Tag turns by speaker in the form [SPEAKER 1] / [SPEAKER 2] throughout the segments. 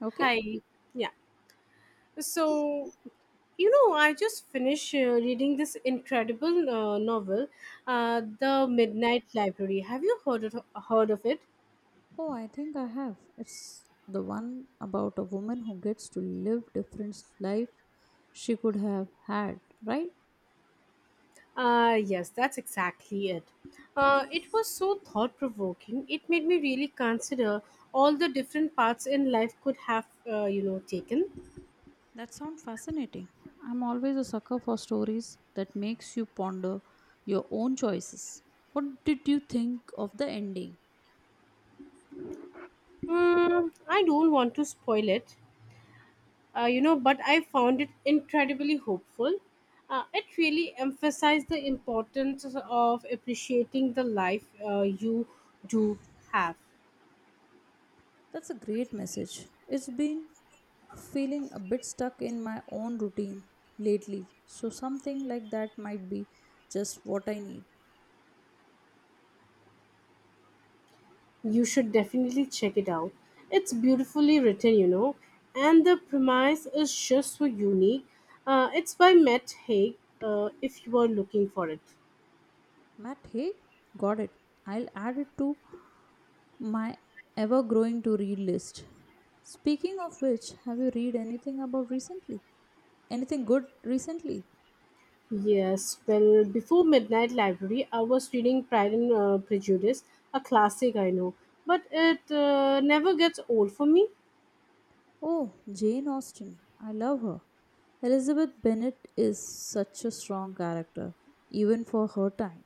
[SPEAKER 1] Okay.
[SPEAKER 2] Hi. Yeah. So, I just finished reading this incredible novel, The Midnight Library. Have you heard of it?
[SPEAKER 1] Oh, I think I have. It's the one about a woman who gets to live different life she could have had, right?
[SPEAKER 2] Yes, that's exactly it. It was so thought provoking. It made me really consider all the different paths in life could have, taken.
[SPEAKER 1] That sounds fascinating. I'm always a sucker for stories that makes you ponder your own choices. What did you think of the ending?
[SPEAKER 2] Mm, I don't want to spoil it, but I found it incredibly hopeful. It really emphasized the importance of appreciating the life you do have.
[SPEAKER 1] That's a great message. It's been feeling a bit stuck in my own routine lately, so something like that might be just what I need.
[SPEAKER 2] You should definitely check it out. It's beautifully written, and the premise is just so unique. It's by matt haig, if you are looking for it.
[SPEAKER 1] Matt, hey, got it. I'll add it to my ever growing to read list. Speaking of which, have you read anything about recently? Anything good recently?
[SPEAKER 2] Yes, well, before Midnight Library, I was reading Pride and Prejudice, a classic I know, but it never gets old for me.
[SPEAKER 1] Oh, Jane Austen. I love her. Elizabeth Bennet is such a strong character, even for her time.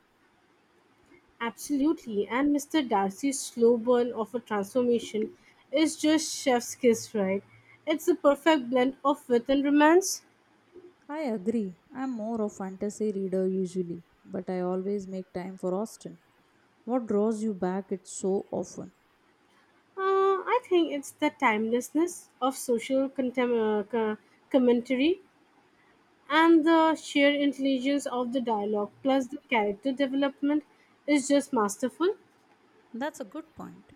[SPEAKER 2] Absolutely, and Mr. Darcy's slow burn of a transformation is just chef's kiss, right? It's the perfect blend of wit and romance.
[SPEAKER 1] I agree. I'm more a fantasy reader usually, but I always make time for Austen. What draws you back it so often?
[SPEAKER 2] I think it's the timelessness of commentary and the sheer intelligence of the dialogue, plus the character development is just masterful.
[SPEAKER 1] That's a good point.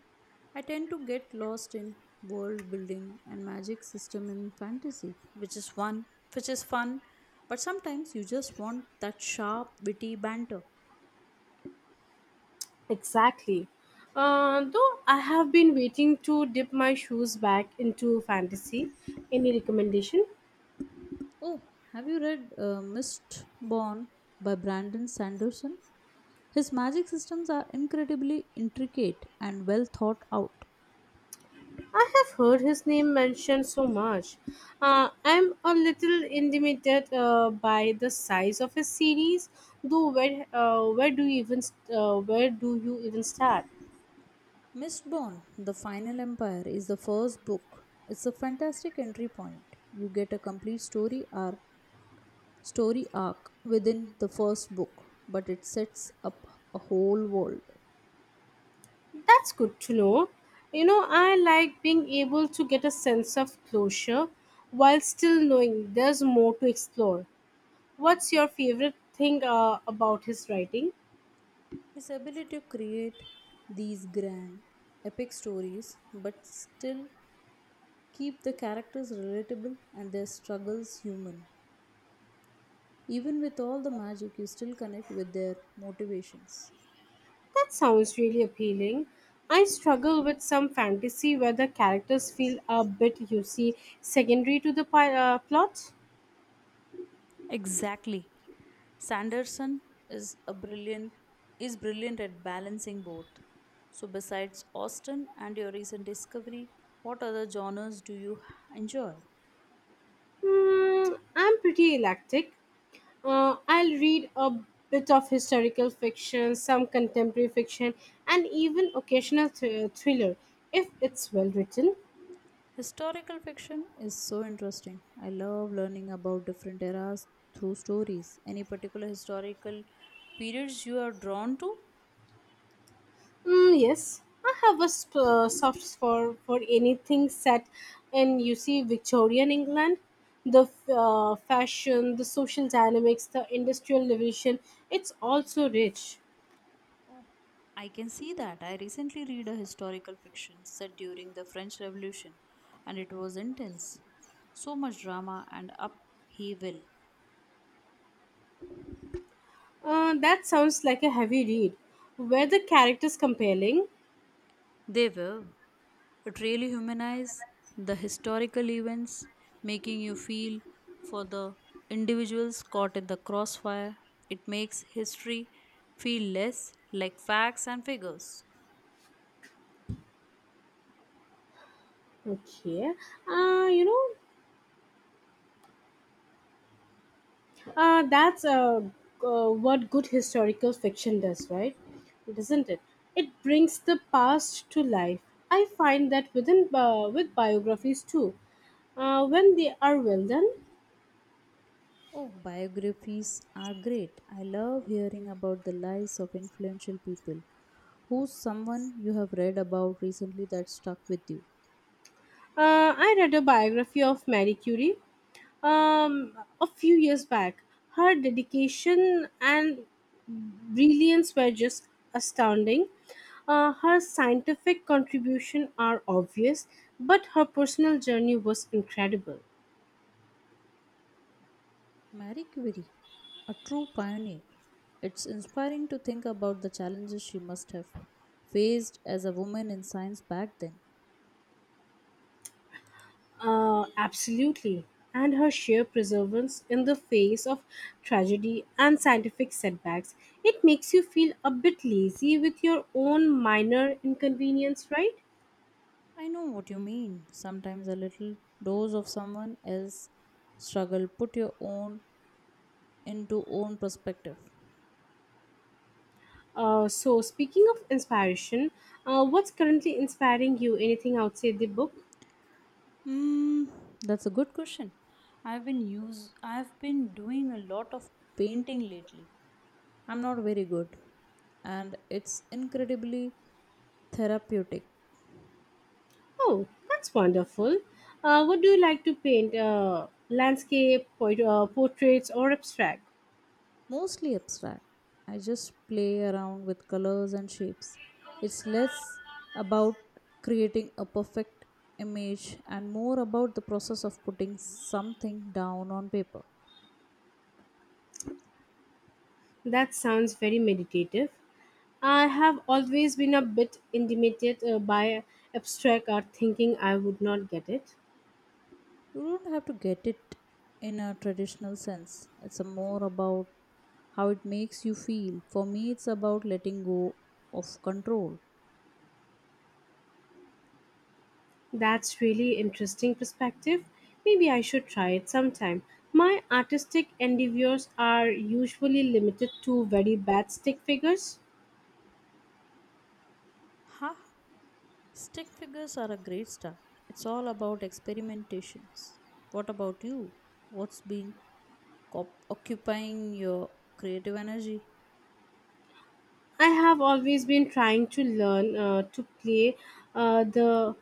[SPEAKER 1] I tend to get lost in world building and magic system in fantasy, which is fun, but sometimes you just want that sharp, witty banter.
[SPEAKER 2] Exactly. Though I have been waiting to dip my shoes back into fantasy. Any recommendation?
[SPEAKER 1] Oh, have you read Mistborn by Brandon Sanderson? His magic systems are incredibly intricate and well thought out.
[SPEAKER 2] I have heard his name mentioned so much. I'm a little intimidated by the size of his series. Though where do you even start?
[SPEAKER 1] Mistborn, The Final Empire, is the first book. It's a fantastic entry point. You get a complete story arc within the first book, but it sets up a whole world.
[SPEAKER 2] That's good to know. You know, I like being able to get a sense of closure while still knowing there's more to explore. What's your favorite thing about his writing?
[SPEAKER 1] His ability to create these grand, epic stories, but still keep the characters relatable and their struggles human. Even with all the magic, you still connect with their motivations.
[SPEAKER 2] That sounds really appealing. I struggle with some fantasy where the characters feel a bit, you see, secondary to the plot.
[SPEAKER 1] Exactly. Sanderson is a brilliant is brilliant at balancing both. So besides Austen and your recent discovery, what other genres do you enjoy?
[SPEAKER 2] Mm, I'm pretty eclectic. I'll read a bit of historical fiction, some contemporary fiction, and even occasional thriller if it's well written.
[SPEAKER 1] Historical fiction is so interesting. I love learning about different eras through stories. Any particular historical periods you are drawn to?
[SPEAKER 2] Mm, yes, I have a soft spot for anything set in, you see, Victorian England. The fashion, the social dynamics, the industrial revolution, it's also rich.
[SPEAKER 1] I can see that. I recently read a historical fiction set during the French Revolution and it was intense. So much drama and upheaval.
[SPEAKER 2] That sounds like a heavy read. Were the characters compelling?
[SPEAKER 1] They will. It really humanizes the historical events, making you feel for the individuals caught in the crossfire. It makes history feel less like facts and figures.
[SPEAKER 2] Okay. You know, that's what good historical fiction does, right? Doesn't it? It brings the past to life. I find that with biographies too, when they are well done.
[SPEAKER 1] Oh, biographies are great. I love hearing about the lives of influential people. Who's someone you have read about recently that stuck with you?
[SPEAKER 2] I read a biography of Marie Curie, um, a few years back. Her dedication and brilliance were just astounding. Her scientific contribution are obvious, but her personal journey was incredible.
[SPEAKER 1] Marie Curie, a true pioneer. It's inspiring to think about the challenges she must have faced as a woman in science back then.
[SPEAKER 2] Absolutely. And her sheer perseverance in the face of tragedy and scientific setbacks, it makes you feel a bit lazy with your own minor inconvenience, right?
[SPEAKER 1] I know what you mean. Sometimes a little dose of someone else's struggle put your own into own perspective.
[SPEAKER 2] So, speaking of inspiration, what's currently inspiring you? Anything outside the book?
[SPEAKER 1] Hmm, that's a good question. I've been doing a lot of painting lately. I'm not very good and it's incredibly therapeutic.
[SPEAKER 2] Oh, that's wonderful. What do you like to paint? Landscape, portraits, or abstract?
[SPEAKER 1] Mostly abstract. I just play around with colors and shapes. It's less about creating a perfect image and more about the process of putting something down on paper.
[SPEAKER 2] That sounds very meditative. I have always been a bit intimidated by abstract art, thinking I would not get it.
[SPEAKER 1] You don't have to get it in a traditional sense, it's a more about how it makes you feel. For me, it's about letting go of control.
[SPEAKER 2] That's really interesting perspective. Maybe I should try it sometime. My artistic endeavors are usually limited to very bad stick figures.
[SPEAKER 1] Ha! Stick figures are a great start. It's all about experimentations. What about you? What's been occupying your creative energy.
[SPEAKER 2] I have always been trying to learn to play the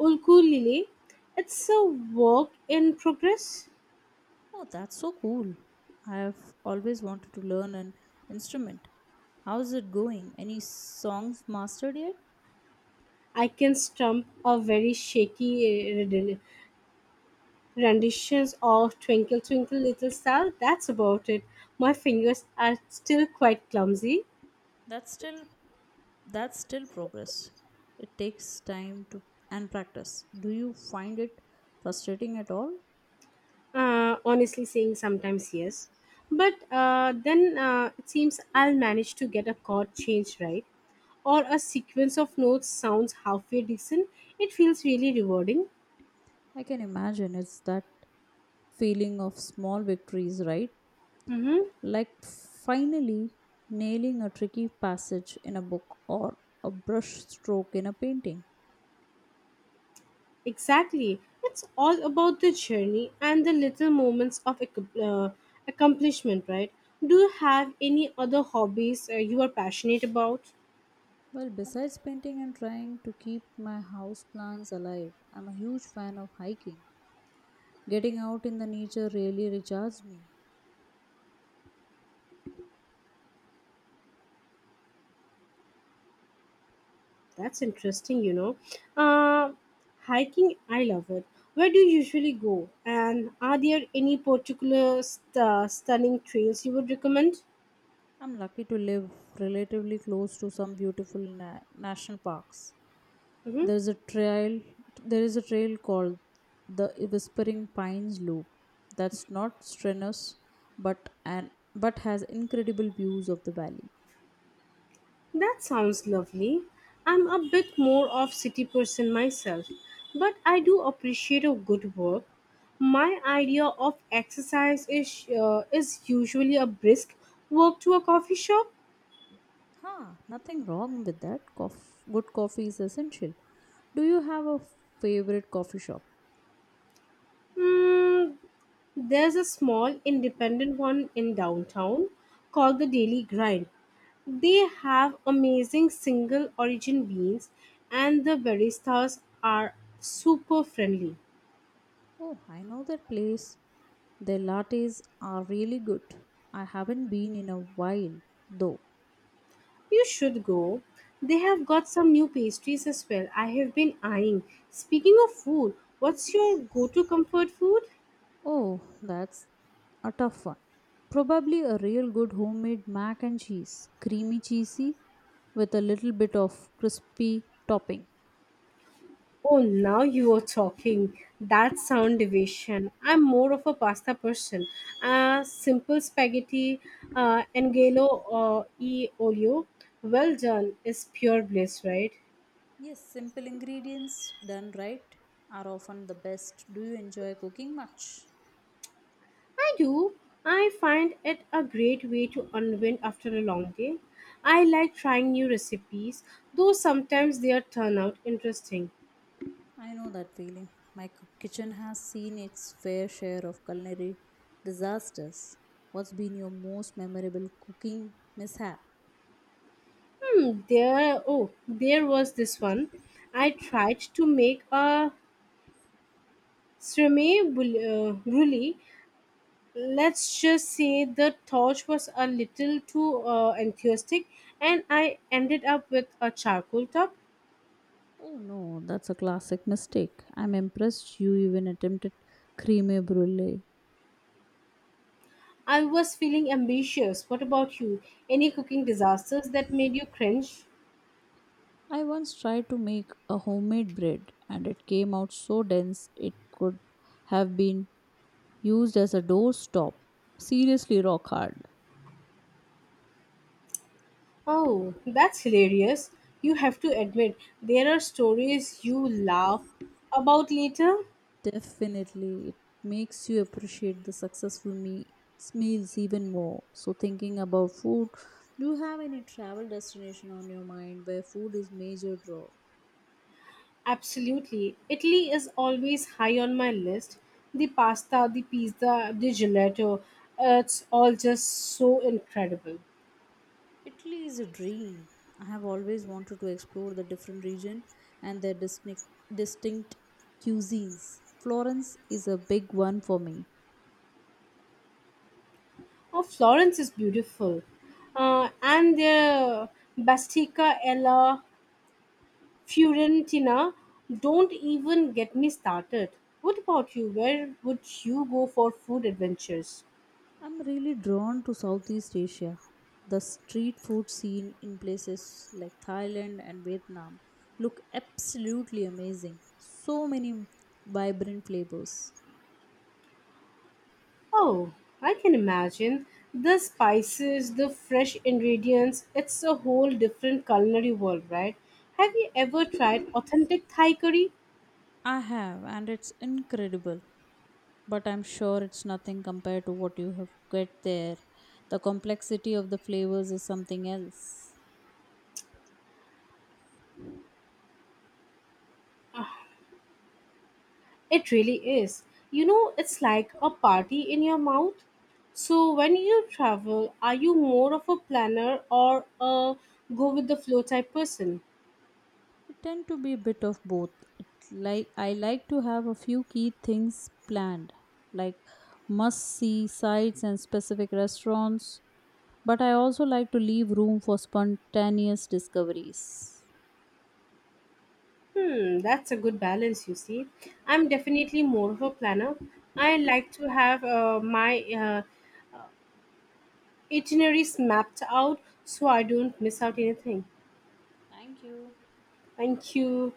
[SPEAKER 2] ukulele. It's a work in progress.
[SPEAKER 1] Oh, that's so cool. I have always wanted to learn an instrument. How's it going? Any songs mastered yet?
[SPEAKER 2] I can stump a very shaky uh, renditions of Twinkle Twinkle Little Star. That's about it. My fingers are still quite clumsy.
[SPEAKER 1] That's still that's still progress. It takes time to and practice. Do you find it frustrating at all?
[SPEAKER 2] Honestly, saying sometimes yes, but then it seems I'll manage to get a chord change right, or a sequence of notes sounds halfway decent. It feels really rewarding.
[SPEAKER 1] I can imagine it's that feeling of small victories, right?
[SPEAKER 2] Mm-hmm.
[SPEAKER 1] Like finally nailing a tricky passage in a book or a brush stroke in a painting.
[SPEAKER 2] Exactly. It's all about the journey and the little moments of accomplishment, right? Do you have any other hobbies you are passionate about?
[SPEAKER 1] Well, besides painting and trying to keep my house plants alive, I'm a huge fan of hiking. Getting out in the nature really recharges me.
[SPEAKER 2] That's interesting, you know. Uh, hiking, I love it. Where do you usually go? And are there any particular stunning trails you would recommend?
[SPEAKER 1] I'm lucky to live relatively close to some beautiful national parks.
[SPEAKER 2] Mhm.
[SPEAKER 1] There's a trail there is a trail called the Whispering Pines Loop. That's not strenuous but an but has incredible views of the valley.
[SPEAKER 2] That sounds lovely. I'm a bit more of city person myself, but I do appreciate a good work. My idea of exercise is usually a brisk walk to a coffee shop.
[SPEAKER 1] Huh, nothing wrong with that. Good coffee is essential. Do you have a favorite coffee shop?
[SPEAKER 2] Mm, there's a small independent one in downtown called the Daily Grind. They have amazing single origin beans and the baristas are super friendly.
[SPEAKER 1] Oh, I know that place. Their lattes are really good. I haven't been in a while, though.
[SPEAKER 2] You should go. They have got some new pastries as well. I have been eyeing. Speaking of food, what's your go to comfort food?
[SPEAKER 1] Oh, that's a tough one. Probably a real good homemade mac and cheese, creamy cheesy with a little bit of crispy topping.
[SPEAKER 2] Oh, now you are talking. That sound division. I'm more of a pasta person. Simple spaghetti, angelo or e olio. Well done is pure bliss, right?
[SPEAKER 1] Yes, simple ingredients done right are often the best. Do you enjoy cooking much?
[SPEAKER 2] I do. I find it a great way to unwind after a long day. I like trying new recipes, though sometimes they turn out interesting.
[SPEAKER 1] I know that feeling. Kitchen has seen its fair share of culinary disasters. What's been your most memorable cooking mishap?
[SPEAKER 2] Hmm, there was this one. I tried to make a brulee. Let's just say the torch was a little too enthusiastic and I ended up with a charcoal top.
[SPEAKER 1] Oh no, that's a classic mistake. I'm impressed you even attempted creme brulee.
[SPEAKER 2] I was feeling ambitious. What about you? Any cooking disasters that made you cringe?
[SPEAKER 1] I once tried to make a homemade bread and it came out so dense it could have been used as a doorstop. Seriously rock hard.
[SPEAKER 2] Oh, that's hilarious. You have to admit, there are stories you laugh about later.
[SPEAKER 1] Definitely, it makes you appreciate the successful meals even more. So, thinking about food, do you have any travel destination on your mind where food is major draw?
[SPEAKER 2] Absolutely. Italy is always high on my list. The pasta, the pizza, the gelato, it's all just so incredible.
[SPEAKER 1] Italy is a dream. I have always wanted to explore the different region and their distinct cuisines. Florence is a big one for me.
[SPEAKER 2] Oh, Florence is beautiful. And the Bastica Ella Fiorentina, don't even get me started. What about you? Where would you go for food adventures?
[SPEAKER 1] I'm really drawn to Southeast Asia. The street food scene in places like Thailand and Vietnam look absolutely amazing. So many vibrant flavors.
[SPEAKER 2] Oh, I can imagine. The spices, the fresh ingredients, it's a whole different culinary world, right? Have you ever tried authentic Thai curry?
[SPEAKER 1] I have, and it's incredible. But I'm sure it's nothing compared to what you have get there. The complexity of the flavors is something else.
[SPEAKER 2] It really is. You know, it's like a party in your mouth. So, when you travel, are you more of a planner or a go with the flow type person?
[SPEAKER 1] Tend to be a bit of both. It's like I like to have a few key things planned, like must see sites and specific restaurants, but I also like to leave room for spontaneous discoveries.
[SPEAKER 2] Hmm, that's a good balance, you see. I'm definitely more of a planner. I like to have my itineraries mapped out so I don't miss out anything.
[SPEAKER 1] Thank you.
[SPEAKER 2] Thank you.